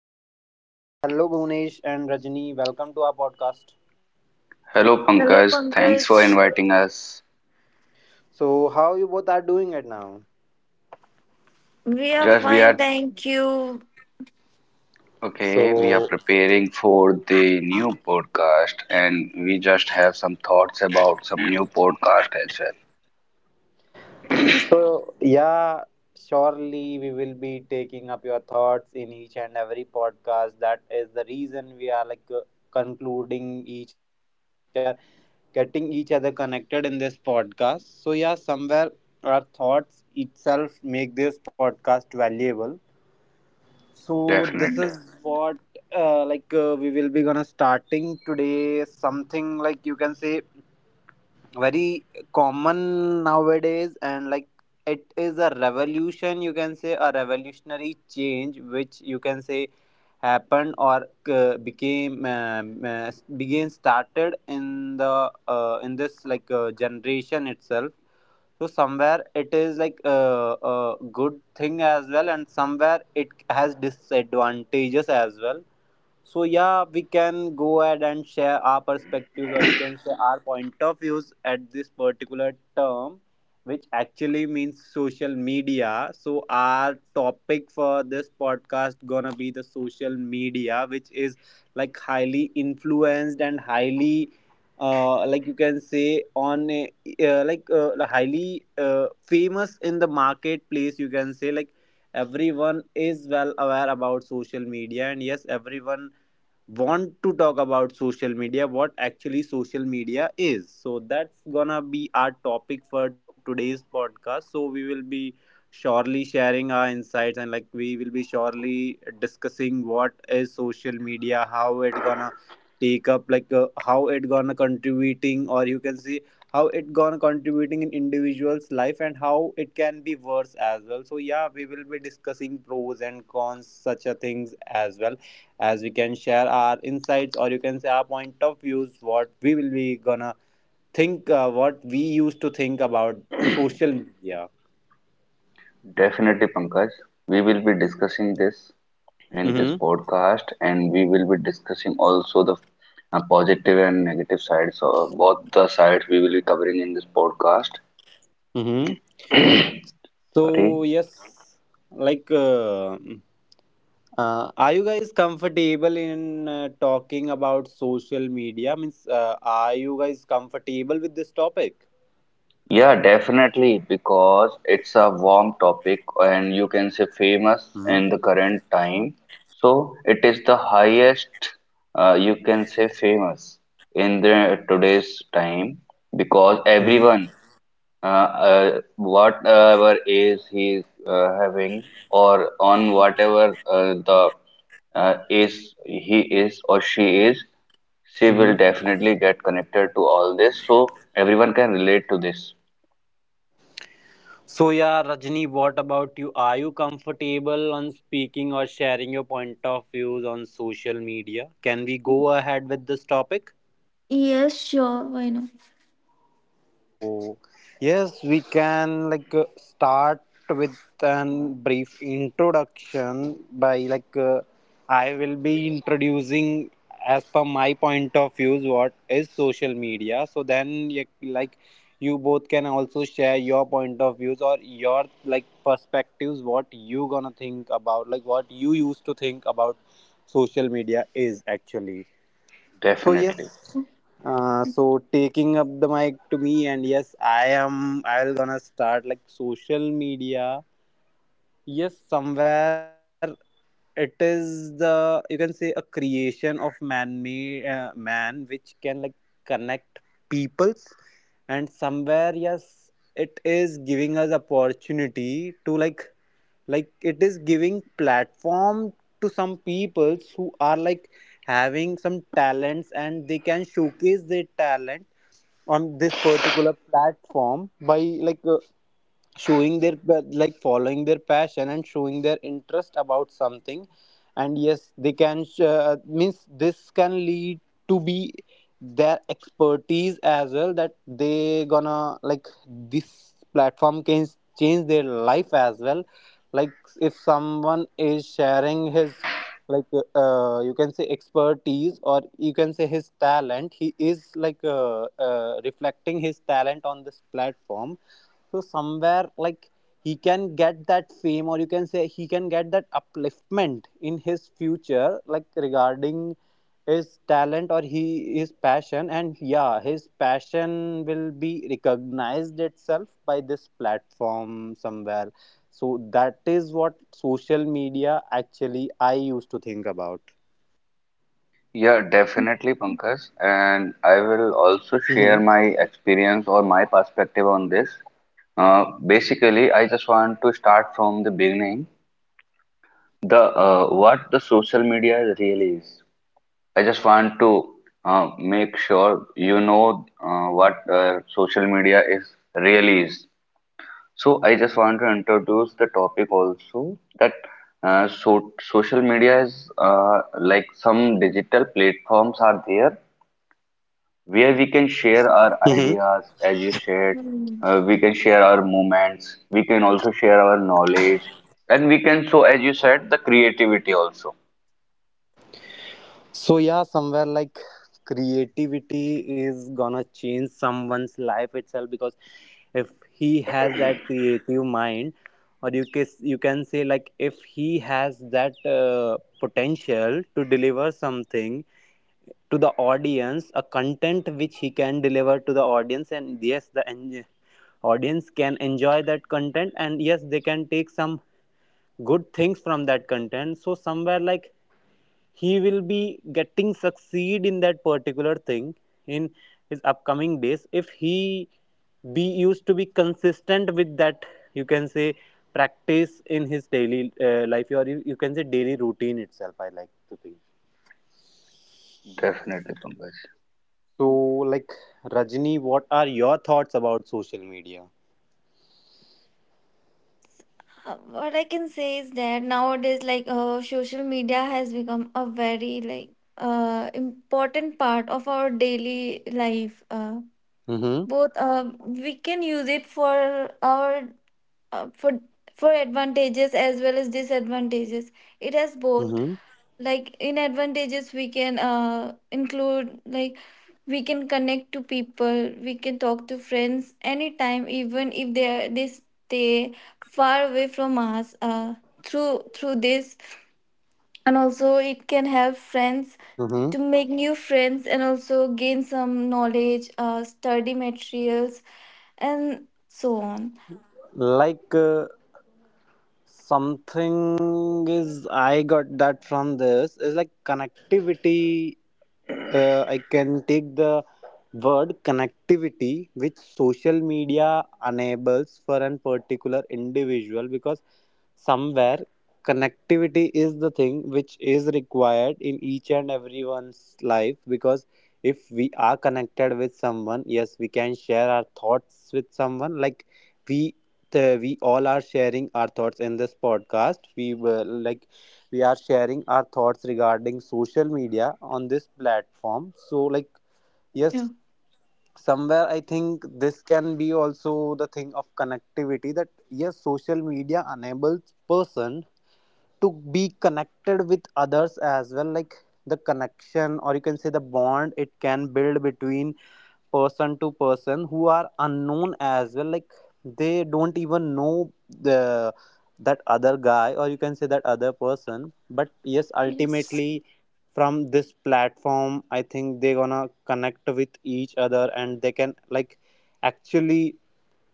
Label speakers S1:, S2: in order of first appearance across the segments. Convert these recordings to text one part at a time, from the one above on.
S1: Everyone, and hello Bhunesh and Rajni. Welcome to our podcast.
S2: Hello
S3: Hello,
S2: Pankaj, thanks
S3: Pankaj.
S2: for inviting us.
S1: So how you both are doing it now?
S3: We are
S2: Just we
S3: fine,
S2: are
S3: thank you.
S2: okay, we are
S1: So
S2: preparing for the new podcast and we just have some thoughts about some new podcast as well.
S1: so yeah, surely we will be taking up your thoughts in each and every podcast. That is the reason we are like concluding each other. You can say we are getting each other connected in this podcast. So yeah, somewhere our thoughts itself make this podcast valuable, so
S2: Definitely.
S1: this is what we will be gonna starting today something like you can say very common nowadays, and like it is a revolution, you can say a revolutionary change, which you can say happened or became began started in the in this like generation itself. So somewhere it is like a good thing as well, and somewhere it has disadvantages as well. So yeah, we can go ahead and share our perspectives, or you can say our point of views at this particular term, which actually means social media. So our topic for this podcast gonna be the social media, which is like highly influenced and highly, like you can say on a highly famous in the marketplace. You can say like everyone is well aware about social media, and yes everyone want to talk about social media, what actually social media is. So that's gonna be our topic for today's podcast, so we will be surely sharing our insights, and like we will be surely discussing what is social media, how it gonna take up, like how it gonna contributing, or you can see how it gonna contributing in individuals life and how it can be worse as well. So yeah, we will be discussing pros and cons such a things as well, as we can share our insights, or you can say our point of views, what we will be gonna think what we used to think about social media.
S2: Definitely Pankaj. We will be discussing this in
S1: Mm-hmm.
S2: this podcast and we will be discussing also the positive and negative sides of both the sides we will be covering in this podcast.
S1: Mm-hmm. So
S2: Sorry.
S1: yes, like uh, are you guys comfortable in talking about social media, means are you guys comfortable with this topic?
S2: Yeah, definitely, because it's a warm topic and you can say famous in
S1: Mm-hmm.
S2: the current time. So it is the highest, you can say famous in the today's time because
S1: Mm-hmm.
S2: everyone, uh, whatever age he is having or on whatever the is he is or she is, she will definitely get connected to all this. So everyone can relate to this.
S1: So yeah, Rajni, what about you? Are you comfortable on speaking or sharing your point of views on social media? Can we go ahead with this topic?
S3: Yes, sure. Why not?
S1: So, yes, we can like start with an brief introduction by like I will be introducing as per my point of views what is social media. So then, like you both can also share your point of views or your like perspectives. What you gonna think about? Like what you used to think about social media is actually. So
S2: Definitely.
S1: yes, so taking up the mic to me, and yes, I am. I'll gonna start like social media. Yes, somewhere it is the, you can say a creation of man-made man, which can like connect peoples, and somewhere yes, it is giving us opportunity to like it is giving platform to some people who are like having some talents, and they can showcase their talent on this particular platform by like uh, showing their well, like following their passion and showing their interest about something. And yes, they can means this can lead to be their expertise as well, that they gonna like this platform can change their life as well. Like if someone is sharing his you can say expertise, or you can say his talent, he is like reflecting his talent on this platform, so somewhere like he can get that fame, or you can say he can get that upliftment in his future, like regarding his talent or he his passion, and yeah his passion will be recognized itself by this platform somewhere. So that is what social media actually I used to think about.
S2: Yeah, definitely, Pankaj. And I will also share my experience or my perspective on this. Basically, I just want to start from the beginning. The what the social media really is. I just want to make sure you know what social media is really is. So I just want to introduce the topic also that so social media is like some digital platforms are there where we can share our
S1: Hmm.
S2: ideas as you shared,
S3: Hmm.
S2: we can share our moments, we can also share our knowledge, and we can so as you said the creativity also.
S1: So yeah, somewhere like creativity is gonna change someone's life itself, because if he has that creative mind, or you can say like if he has that potential to deliver something to the audience, a content which he can deliver to the audience, and yes, the audience can enjoy that content, and yes, they can take some good things from that content. So somewhere like he will be getting succeed in that particular thing in his upcoming days, if he be used to be consistent with that, you can say practice in his daily life, or you can say daily routine itself, I like to think.
S2: Definitely, Pankaj.
S1: So like Rajni, what are your thoughts about social media?
S3: What I can say is that nowadays, social media has become a very important part of our daily life.
S1: Mm-hmm.
S3: Both we can use it for our uh, for for advantages as well as disadvantages. It has both.
S1: Mm-hmm.
S3: Like in advantages we can include like we can connect to people, we can talk to friends anytime even if they stay far away from us, through this, and also it can help friends
S1: Mm-hmm.
S3: to make new friends and also gain some knowledge, study materials and so on.
S1: Like something is I got that from this is like connectivity. I can take the word connectivity which social media enables for an particular individual, because somewhere connectivity is the thing which is required in each and everyone's life, because if we are connected with someone, yes we can share our thoughts with someone. Like we we all are sharing our thoughts in this podcast, we were like we are sharing our thoughts regarding social media on this platform. So like
S3: Yeah.
S1: yes, somewhere I think this can be also the thing of connectivity, that yes social media enables person to be connected with others as well. Like the connection, or you can say the bond it can build between person to person who are unknown as well, like they don't even know the that other guy, or you can say that other person. But yes,
S3: Yes.
S1: ultimately from this platform I think they gonna connect with each other, and they can like actually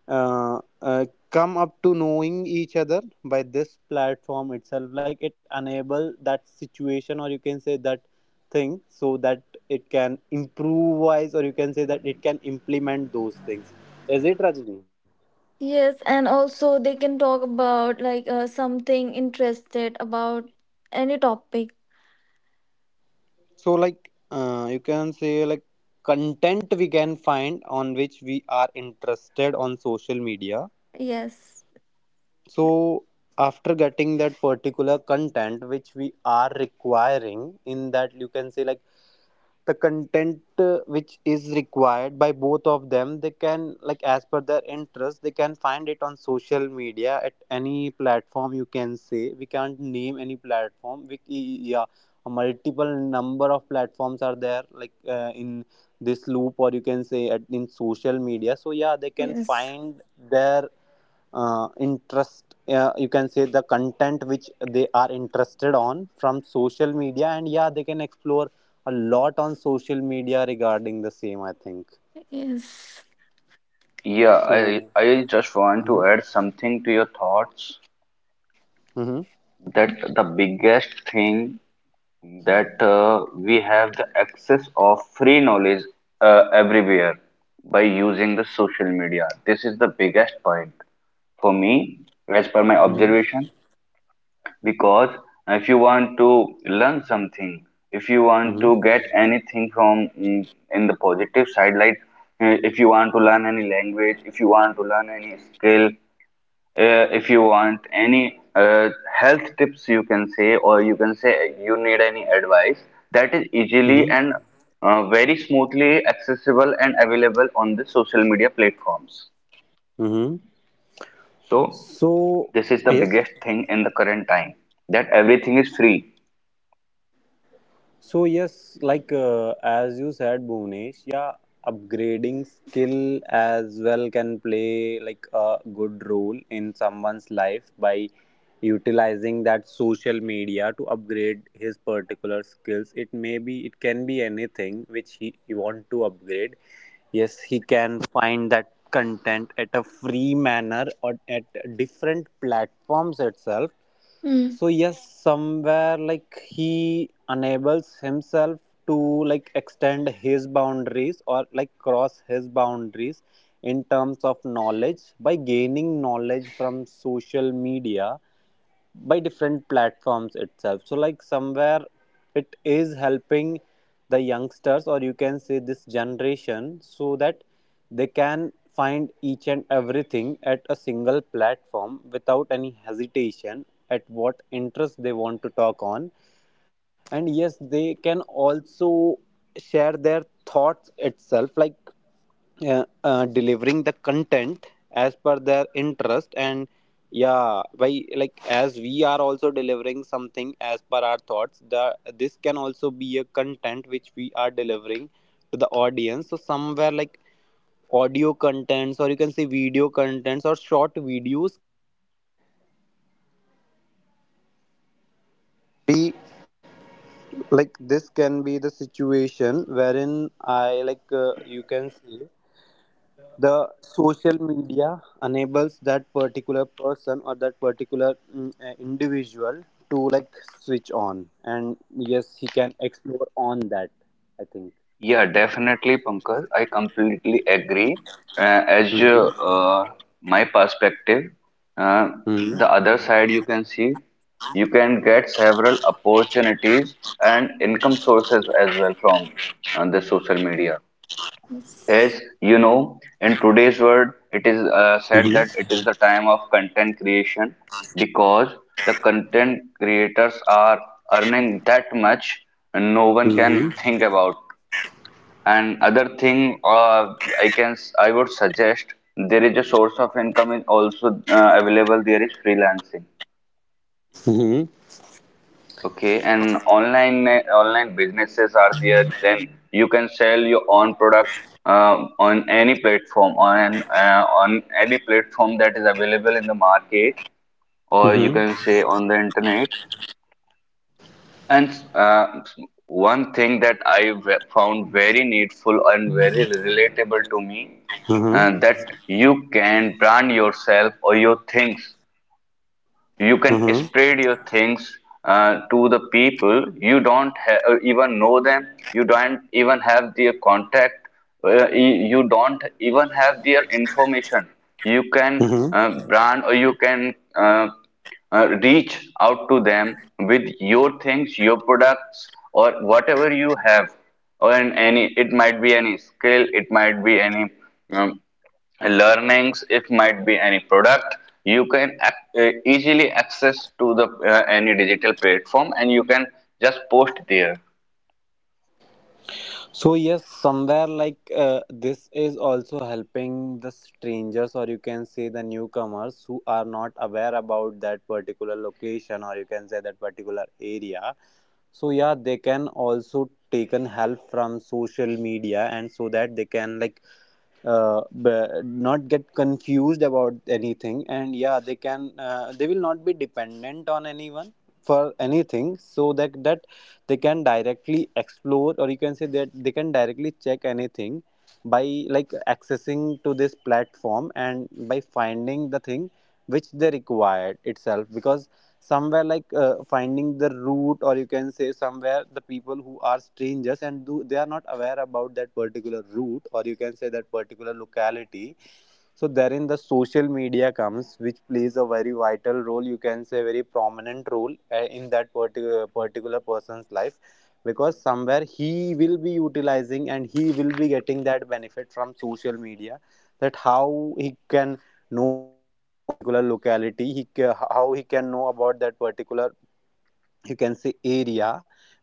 S1: uh, uh, come up to knowing each other by this platform itself, like it enable that situation, or you can say that thing, so that it can improvise, or you can say that it can implement those things, is it Rajni?
S3: Yes, and also they can talk about something interested about any topic.
S1: So like you can say like content we can find on which we are interested on social media.
S3: Yes,
S1: So after getting that particular content which we are requiring in that, you can say like the content which is required by both of them, they can like as per their interest they can find it on social media at any platform. You can say we can't name any platform, yeah, a multiple number of platforms are there like in this loop, or you can say in social media. So yeah, they can
S3: yes,
S1: find their interest, you can say the content which they are interested on from social media, and yeah they can explore a lot on social media regarding the same I think.
S3: yes.
S2: Yeah,
S1: So
S2: I just want
S1: Mhm.
S2: to add something to your thoughts
S1: Mhm.
S2: that
S3: Mm.
S2: the biggest thing that we have the access of free knowledge everywhere by using the social media. This is the biggest point for me, as per my
S1: Mhm.
S2: observation, because if you want to learn something, if you want
S1: Mhm.
S2: to get anything from in the positive side, like if you want to learn any language, if you want to learn any skill, if you want any health tips you can say or you can say you need any advice that is easily
S1: Mhm.
S2: and very smoothly accessible and available on the social media platforms.
S1: Mhm.
S2: So
S1: So
S2: this is the
S1: yes,
S2: biggest thing in the current time that everything is free.
S1: so yes, like as you said, Bhunesh, yeah, upgrading skill as well can play like a good role in someone's life by utilizing that social media to upgrade his particular skills. It may be, it can be anything which he want to upgrade. Yes, he can find that content at a free manner, or at different platforms itself.
S3: Mm.
S1: So yes, somewhere like he enables himself to like extend his boundaries, or like cross his boundaries in terms of knowledge, by gaining knowledge from social media by different platforms itself. So like somewhere it is helping the youngsters, or you can say this generation, so that they can find each and everything at a single platform without any hesitation at what interest they want to talk on. And yes, they can also share their thoughts itself, like delivering the content as per their interest. And yeah, by like as we are also delivering something as per our thoughts, the this can also be a content which we are delivering to the audience. So somewhere like audio contents, or you can say video contents or short videos, like this can be the situation wherein I like you can see the social media enables that particular person, or that particular individual to like switch on, and yes he can explore on that I think.
S2: Yeah, definitely, Pankaj. I completely agree. As
S1: Mhm.
S2: my perspective, uh,
S1: Mhm.
S2: the other side you can see, you can get several opportunities and income sources as well from the social media.
S3: Yes.
S2: As you know, in today's world, it is said that
S1: Mhm.
S2: it is the time of content creation because the content creators are earning that much and no one can
S1: Mhm.
S2: think about. And other thing, I would suggest there is a source of income is also available. There is freelancing. Okay, and online online businesses are there. Then you can sell your own product on any platform that is available in the market, or you
S1: Mhm.
S2: can say on the internet. And one thing that found very needful and very relatable to me,
S1: Mhm.
S2: that you can brand yourself or your things, you can
S1: Mhm.
S2: spread your things to the people you don't even know them, you don't even have their contact, uh, you don't even have their information. You can
S1: Mhm.
S2: reach out to them with your things, your products or whatever you have, or in any, it might be any skill, it might be any um, learnings, it might be any product. You can easily access to the any digital platform and you can just post there.
S1: So yes, somewhere like this is also helping the strangers, or you can say the newcomers who are not aware about that particular location, or you can say that particular area. So yeah, they can also taken help from social media, and so that they can like not get confused about anything. And yeah, they can they will not be dependent on anyone for anything, so that they can directly explore, or you can say that they can directly check anything by like accessing to this platform and by finding the thing which they required itself. Because somewhere like finding the route, or you can say somewhere the people who are strangers and do, they are not aware about that particular route, or you can say that particular locality, so therein the social media comes, which plays a very vital role, you can say very prominent role, in that particular person's life, because somewhere he will be utilizing and he will be getting that benefit from social media. That how he can know about that particular locality, how he can know about that particular, you can say, area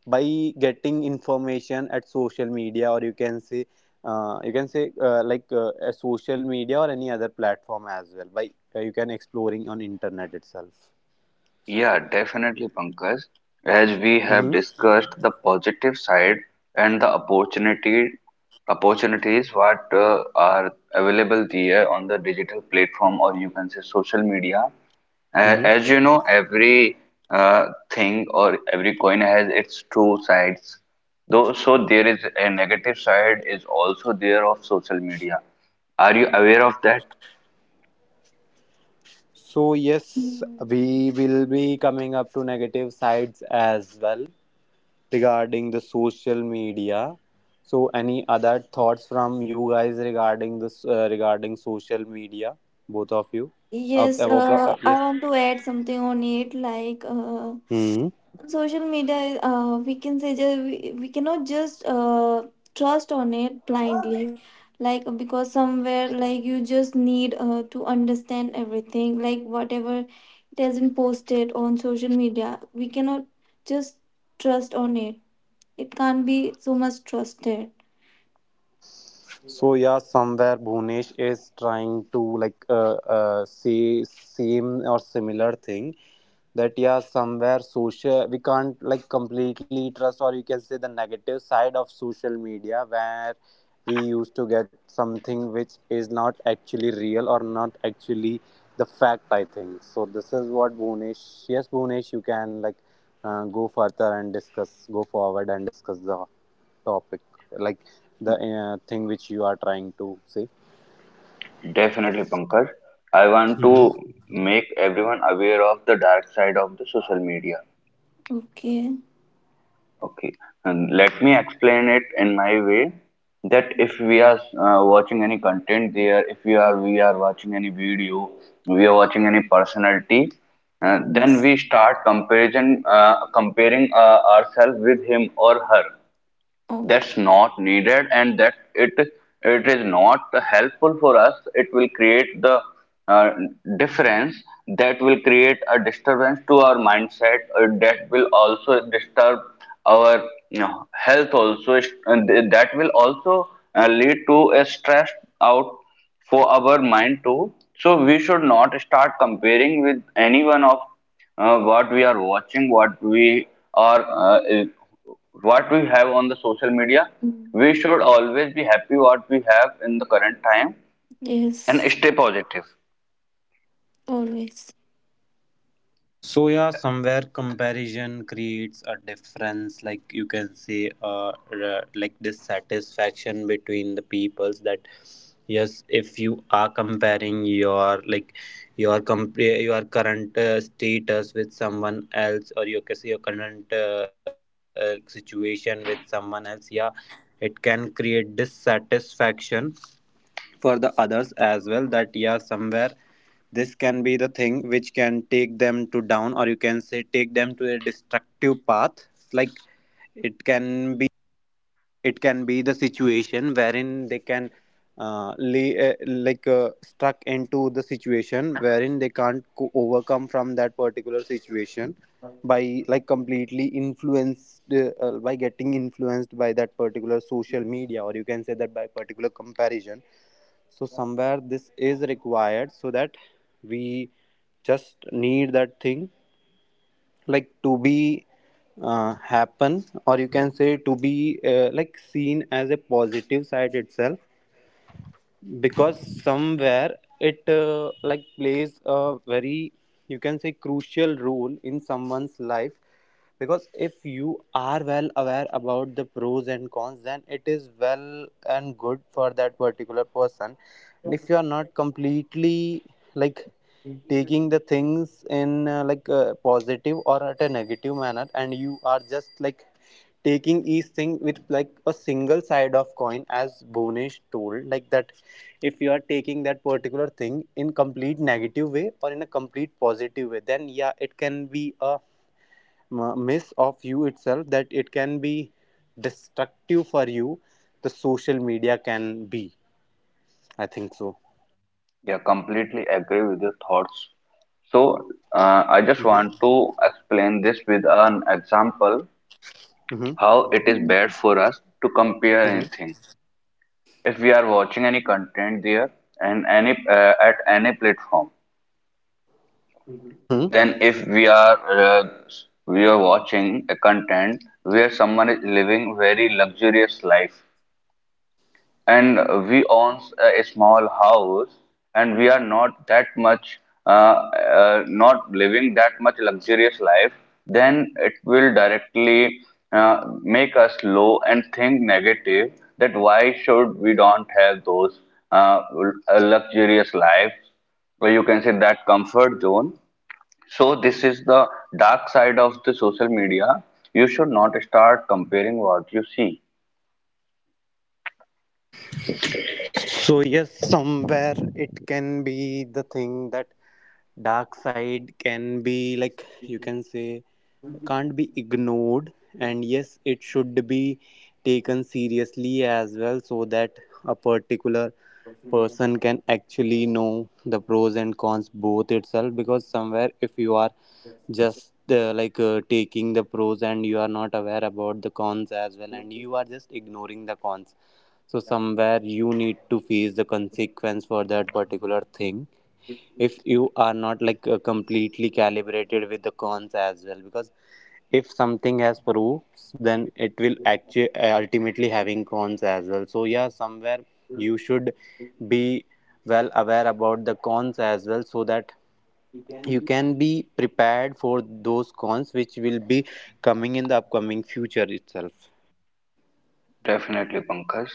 S1: by getting information at social media, or you can say like a social media or any other platform as well, by you can exploring on internet itself.
S2: Yeah definitely Pankaj, as we have
S1: Hmm.
S2: discussed the positive side and the opportunity opportunities what are available there on the digital platform or you can say social media.
S1: Hmm.
S2: As you know, every thing or every coin has its two sides. Though, so there is a negative side is also there of social media. Are you aware of that?
S1: So yes,
S3: Mm.
S1: we will be coming up to negative sides as well regarding the social media. So any other thoughts from you guys regarding this regarding social media, both of you? of,
S3: Yes,
S1: of, of- uh,
S3: I want to add something on it.
S1: yes.
S3: Social media, we can say, we cannot just trust on it blindly, like, because somewhere like you just need to understand everything, like whatever it has been posted on social media we cannot just trust on it. It can't be so much trusted.
S1: So yeah, somewhere Bhunesh is trying to like say same or similar thing, that yeah, somewhere social we can't like completely trust, or you can say the negative side of social media, where we used to get something which is not actually real or not actually the fact, I think. So this is what Bhunesh. Yes, Bhunesh, you can like go further and discuss, go forward and discuss the topic, like the thing which you are trying to say.
S2: Definitely, Pankaj. I want to make everyone aware of the dark side of the social media.
S3: Okay.
S2: Okay, and let me explain it in my way that if we are watching any content there, if we are watching any video, we are watching any personality, then
S3: Yes.
S2: we start comparison comparing ourselves with him or her.
S3: Oh.
S2: That's not needed and that it is not helpful for us. It will create the uh, difference, that will create a disturbance to our mindset, that will also disturb our, you know, health also, and that will also lead to a stress out for our mind too. So we should not start comparing with anyone of what we are watching, what are, uh, eh, what we have on the social media.
S3: Mm.
S2: We should always be happy what we have in the current time and
S3: Yes.
S2: stay positive.
S3: Always.
S1: So yeah, somewhere comparison creates a difference, like you can say, uh, like dissatisfaction between the peoples. That yes, if you are comparing your like your comp- your current status with someone else, or you can say your current like situation with someone else, yeah, it can create dissatisfaction for the others as well. That yeah, somewhere this can be the thing which can take them to down, or you can say take them to a destructive path. Like it can be it can be the situation wherein they can like stuck into the situation wherein they can't co- overcome from that particular situation, by like completely influenced by getting influenced by that particular social media, or you can say that by particular comparison. So somewhere this is required, so that we just need that thing like to be happen, or you can say to be like seen as a positive side itself. Because somewhere it like plays a very, you can say, crucial role in someone's life. Because if you are well aware about the pros and cons, then it is well and good for that particular person. And if you are not completely like taking the things in like a positive or at a negative manner, and you are just like taking each thing with like a single side of coin, as Bonish told, like that, if you are taking that particular thing in complete negative way or in a complete positive way, then yeah, it can be a miss of you itself, that it can be destructive for you, the social media can be, I think so.
S2: Yeah, completely agree with your thoughts. So I just
S1: Mm-hmm.
S2: want to explain this with an example
S1: Mm-hmm.
S2: how it is
S3: Mm.
S2: bad for us to compare anything. If we are watching any content there and any at any platform.
S1: Mm-hmm.
S2: Then if we are watching a content where someone is living very luxurious life and we own a small house and we are not that much not living that much luxurious life, then it will directly make us low and think negative that why should we don't have those uh, luxurious lives, or you can say that comfort zone. So this is the dark side of the social media. You should not start comparing what you see.
S1: So yes, somewhere it can be the thing that dark side can be, like you can say, can't be ignored, and yes, it should be taken seriously as well, so that a particular person can actually know the pros and cons both itself. Because somewhere if you are just like taking the pros and you are not aware about the cons as well, and you are just ignoring the cons, so somewhere you need to face the consequence for that particular thing, if you are not like completely calibrated with the cons as well. Because if something has pros, then it will actually ultimately having cons as well. So yeah, somewhere you should be well aware about the cons as well, so that you can be prepared for those cons which will be coming in the upcoming future itself.
S2: Definitely, Pankaj.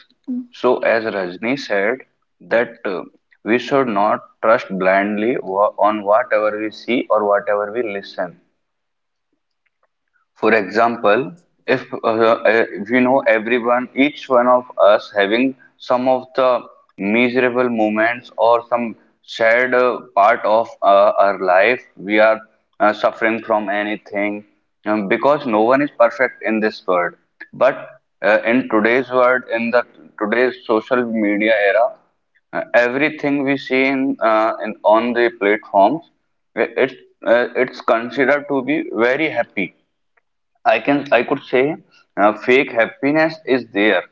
S2: So as Rajni said, that we should not trust blindly on whatever we see or whatever we listen. For example, if we know everyone, each one of us having some of the miserable moments or some sad part of our life, we are suffering from anything, because no one is perfect in this world. But in today's world, in the today's social media era, everything we see in on the platforms, it, it's considered to be very happy. I can, I could say fake happiness is there.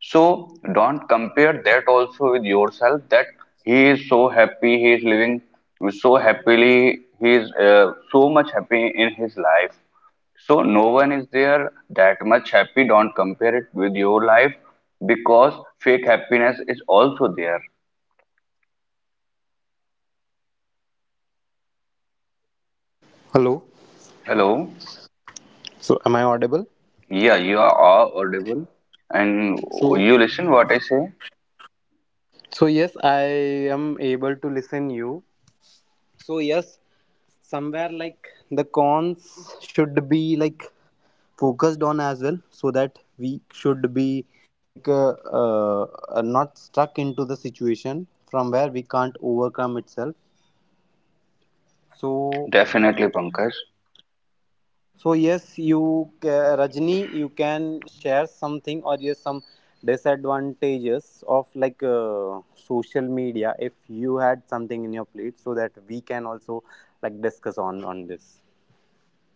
S2: So don't compare that also with yourself that he is so happy, he is living so happily, he is so much happy in his life. So no one is there that much happy. Don't compare it with your life because fake happiness is also there.
S1: Hello.
S2: Hello.
S1: So am I audible?
S2: Yeah, you are all audible and
S1: So.
S2: you listen what I say.
S1: So yes, I am able to listen you. So yes, somewhere like the cons should be like focused on as well, so that we should be like uh, not stuck into the situation from where we can't overcome itself. So.
S2: Definitely, Pankaj.
S1: So yes, Rajni, you can share something, or yes, some disadvantages of like social media, if you had something in your plate, so that we can also like discuss on this.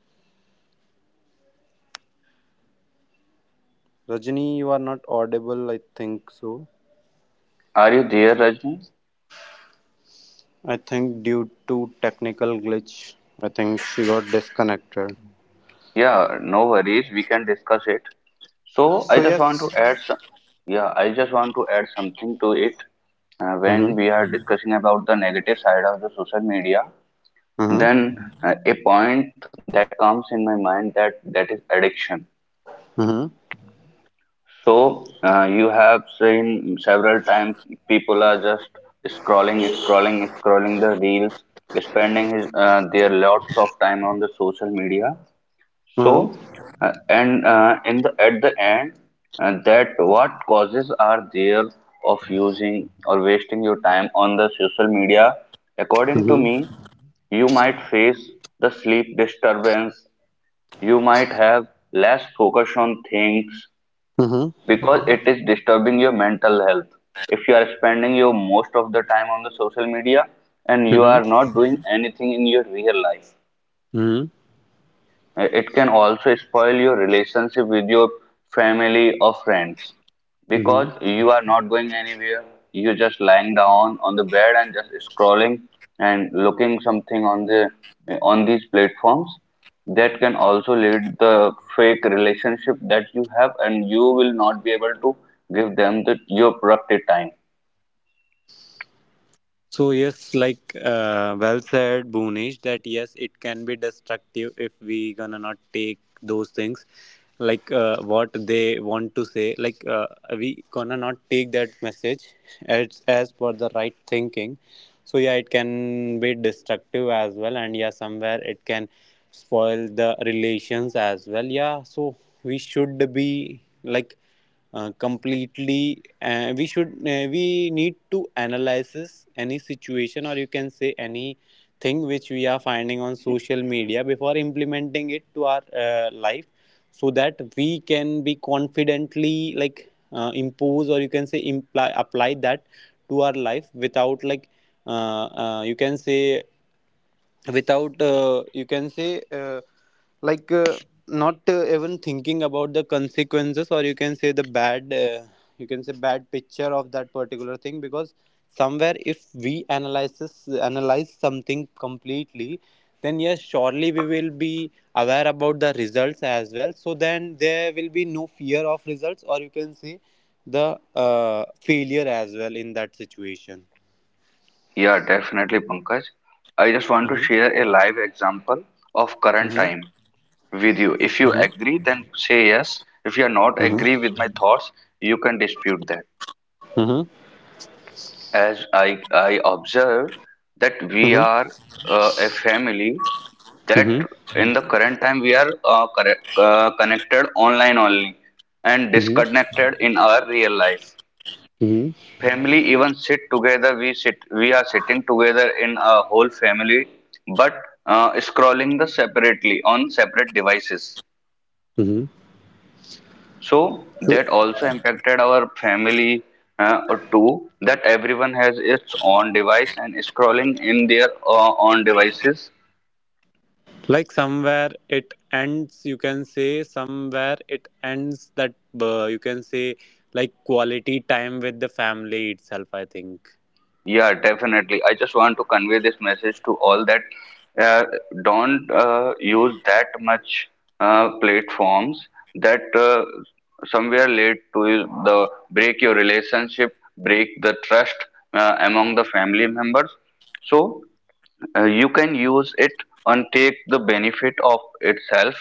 S3: So here I can discuss some few points
S1: Rajni, you are not audible, I think so.
S2: Are you there, Rajni?
S3: Aló,
S1: I think due to technical glitch, I think she got disconnected.
S2: Yeah, no worries. We can discuss it. So I
S1: So
S2: just want
S1: yes.
S2: to add some, yeah, I just want to add something to it. When
S1: Mm-hmm.
S2: we are discussing about the negative side of the social media,
S1: Mm-hmm.
S2: then a point that comes in my mind that that is addiction. So you have seen several times people are just scrolling, scrolling, scrolling the reels, spending their lots of time on the social media.
S1: Mm-hmm.
S2: So, and in the at the end, that what causes are there of using or wasting your time on the social media? According to me,
S1: Mm-hmm.
S2: you might face the sleep disturbance. You might have less focus on things
S1: Mm-hmm. Mm-hmm.
S2: because it is disturbing your mental health. If you are spending your most of the time on the social media and you
S1: Mm-hmm.
S2: are not doing anything in your real life,
S1: Mm-hmm.
S2: it can also spoil your relationship with your family or friends because
S1: Mm-hmm.
S2: you are not going anywhere. You're just lying down on the bed and just scrolling and looking something on the on these platforms. That can also lead the fake relationship that you have, and you will not be able to give them the your productive time.
S1: So yes, like well said, Bhunesh, that yes, it can be destructive if we gonna not take those things, like what they want to say. Like we gonna not take that message as for the right thinking. So yeah, it can be destructive as well, and yeah, somewhere it can spoil the relations as well. Yeah, so we should be like completely we should we need to analyze any situation, or you can say any thing which we are finding on social media before implementing it to our life, so that we can be confidently like impose, or you can say imply apply that to our life, without like you can say without you can say like not even thinking about the consequences, or you can say the bad, you can say bad picture of that particular thing. Because somewhere if we analyze something completely, then yes, surely we will be aware about the results as well, so then there will be no fear of results, or you can say the failure as well in that situation.
S2: Yeah, definitely, Pankaj. I just want to
S1: Mm-hmm.
S2: share a live example of current
S1: Mm-hmm.
S2: time with you. If you
S1: Mm-hmm.
S2: agree, then say yes. If you are not
S1: Mm-hmm.
S2: agree with my thoughts, you can dispute that.
S1: Mm-hmm.
S2: As I observe that we
S1: Mm-hmm.
S2: are a family that
S1: Mm-hmm.
S2: in the current time we are connected online only and
S1: Mm-hmm.
S2: disconnected in our real life.
S1: Mm-hmm.
S2: Family even sit together. We are sitting together in a whole family, but scrolling the separately on separate devices.
S1: Mm-hmm.
S2: So that also impacted our family or that everyone has its own device and scrolling in their own devices.
S1: Like somewhere it ends, you can say, somewhere it ends that, you can say, like quality time with the family itself, I think.
S2: Yeah, definitely. I just want to convey this message to all that uh, don't use that much platforms that somewhere lead to the break your relationship, break the trust among the family members. So you can use it and take the benefit of itself,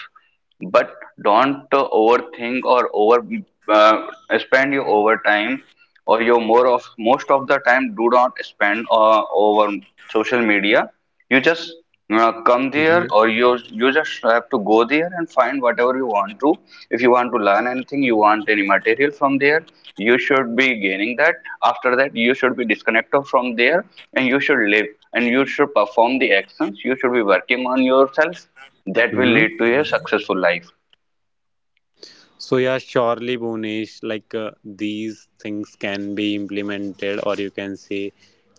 S2: but don't overthink or over uh, spend your overtime or your more of most of the time do not spend over social media. You just come
S1: Mm-hmm.
S2: there or you just have to go there and find whatever you want to. If you want to learn anything, you want any material from there, you should be gaining that. After that you should be disconnected from there and you should live and you should perform the actions, you should be working on yourself. That will
S1: Mm-hmm.
S2: lead to a successful life.
S1: So yeah, surely, Bhunesh, like these things can be implemented, or you can say,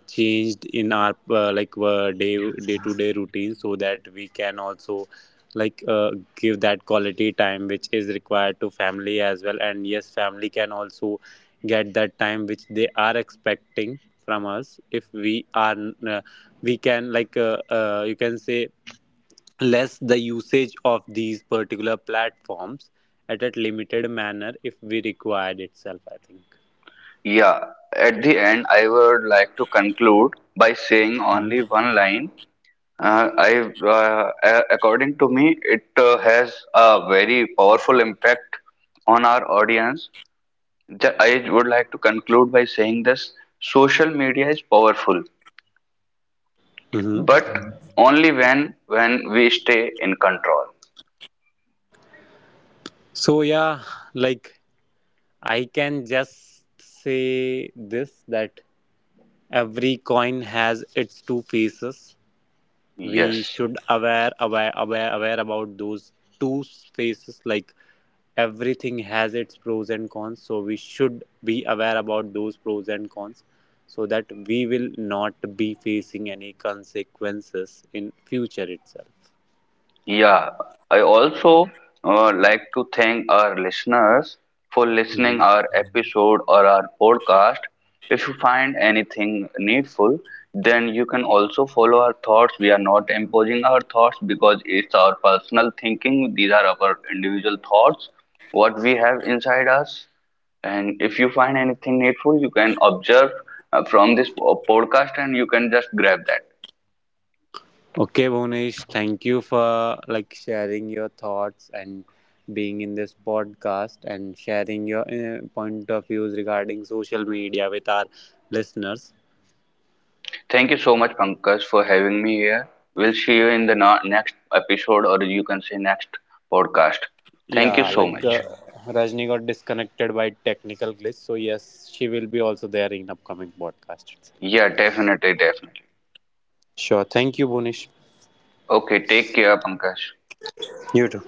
S1: changed in our like day to day routine, so that we can also like give that quality time which is required to family as well, and yes, family can also get that time which they are expecting from us. If we are uh, we can like you can say less the usage of these particular platforms at a limited manner, if we required itself, I think.
S2: Yeah, at the end, I would like to conclude by saying only
S1: Mhm.
S2: one line. Uh, I, According to me, it has a very powerful impact on our audience. I would like to conclude by saying this: social media is powerful,
S1: Mhm.
S2: but only when we stay in control.
S1: So yeah, like I can just say this, that every coin has its two faces. We
S2: Yes.
S1: should aware about those two faces. Like everything has its pros and cons, so we should be aware about those pros and cons, so that we will not be facing any consequences in future itself.
S2: Yeah, I also like to thank our listeners for
S1: Mhm.
S2: listening our episode or our podcast. If you find anything needful, then you can also follow our thoughts. We are not imposing our thoughts because it's our personal thinking. These are our individual thoughts, what we have inside us. And if you find anything needful, you can observe from this podcast and you can just grab that.
S1: Okay, Bhunesh, thank you for like sharing your thoughts and being in this podcast and sharing your point of views regarding social media with our listeners.
S2: Thank you so much, Pankaj, for having me here. We'll see you in the next episode, or you can say next podcast. Thank you
S1: Yeah,
S2: so
S1: like
S2: much.
S1: Rajni got disconnected by technical glitch, so yes, she will be also there in upcoming podcast. Itself.
S2: Yeah, definitely, definitely.
S1: Sure, thank you, Bhunesh.
S2: Okay, take care, Pankaj.
S1: You too.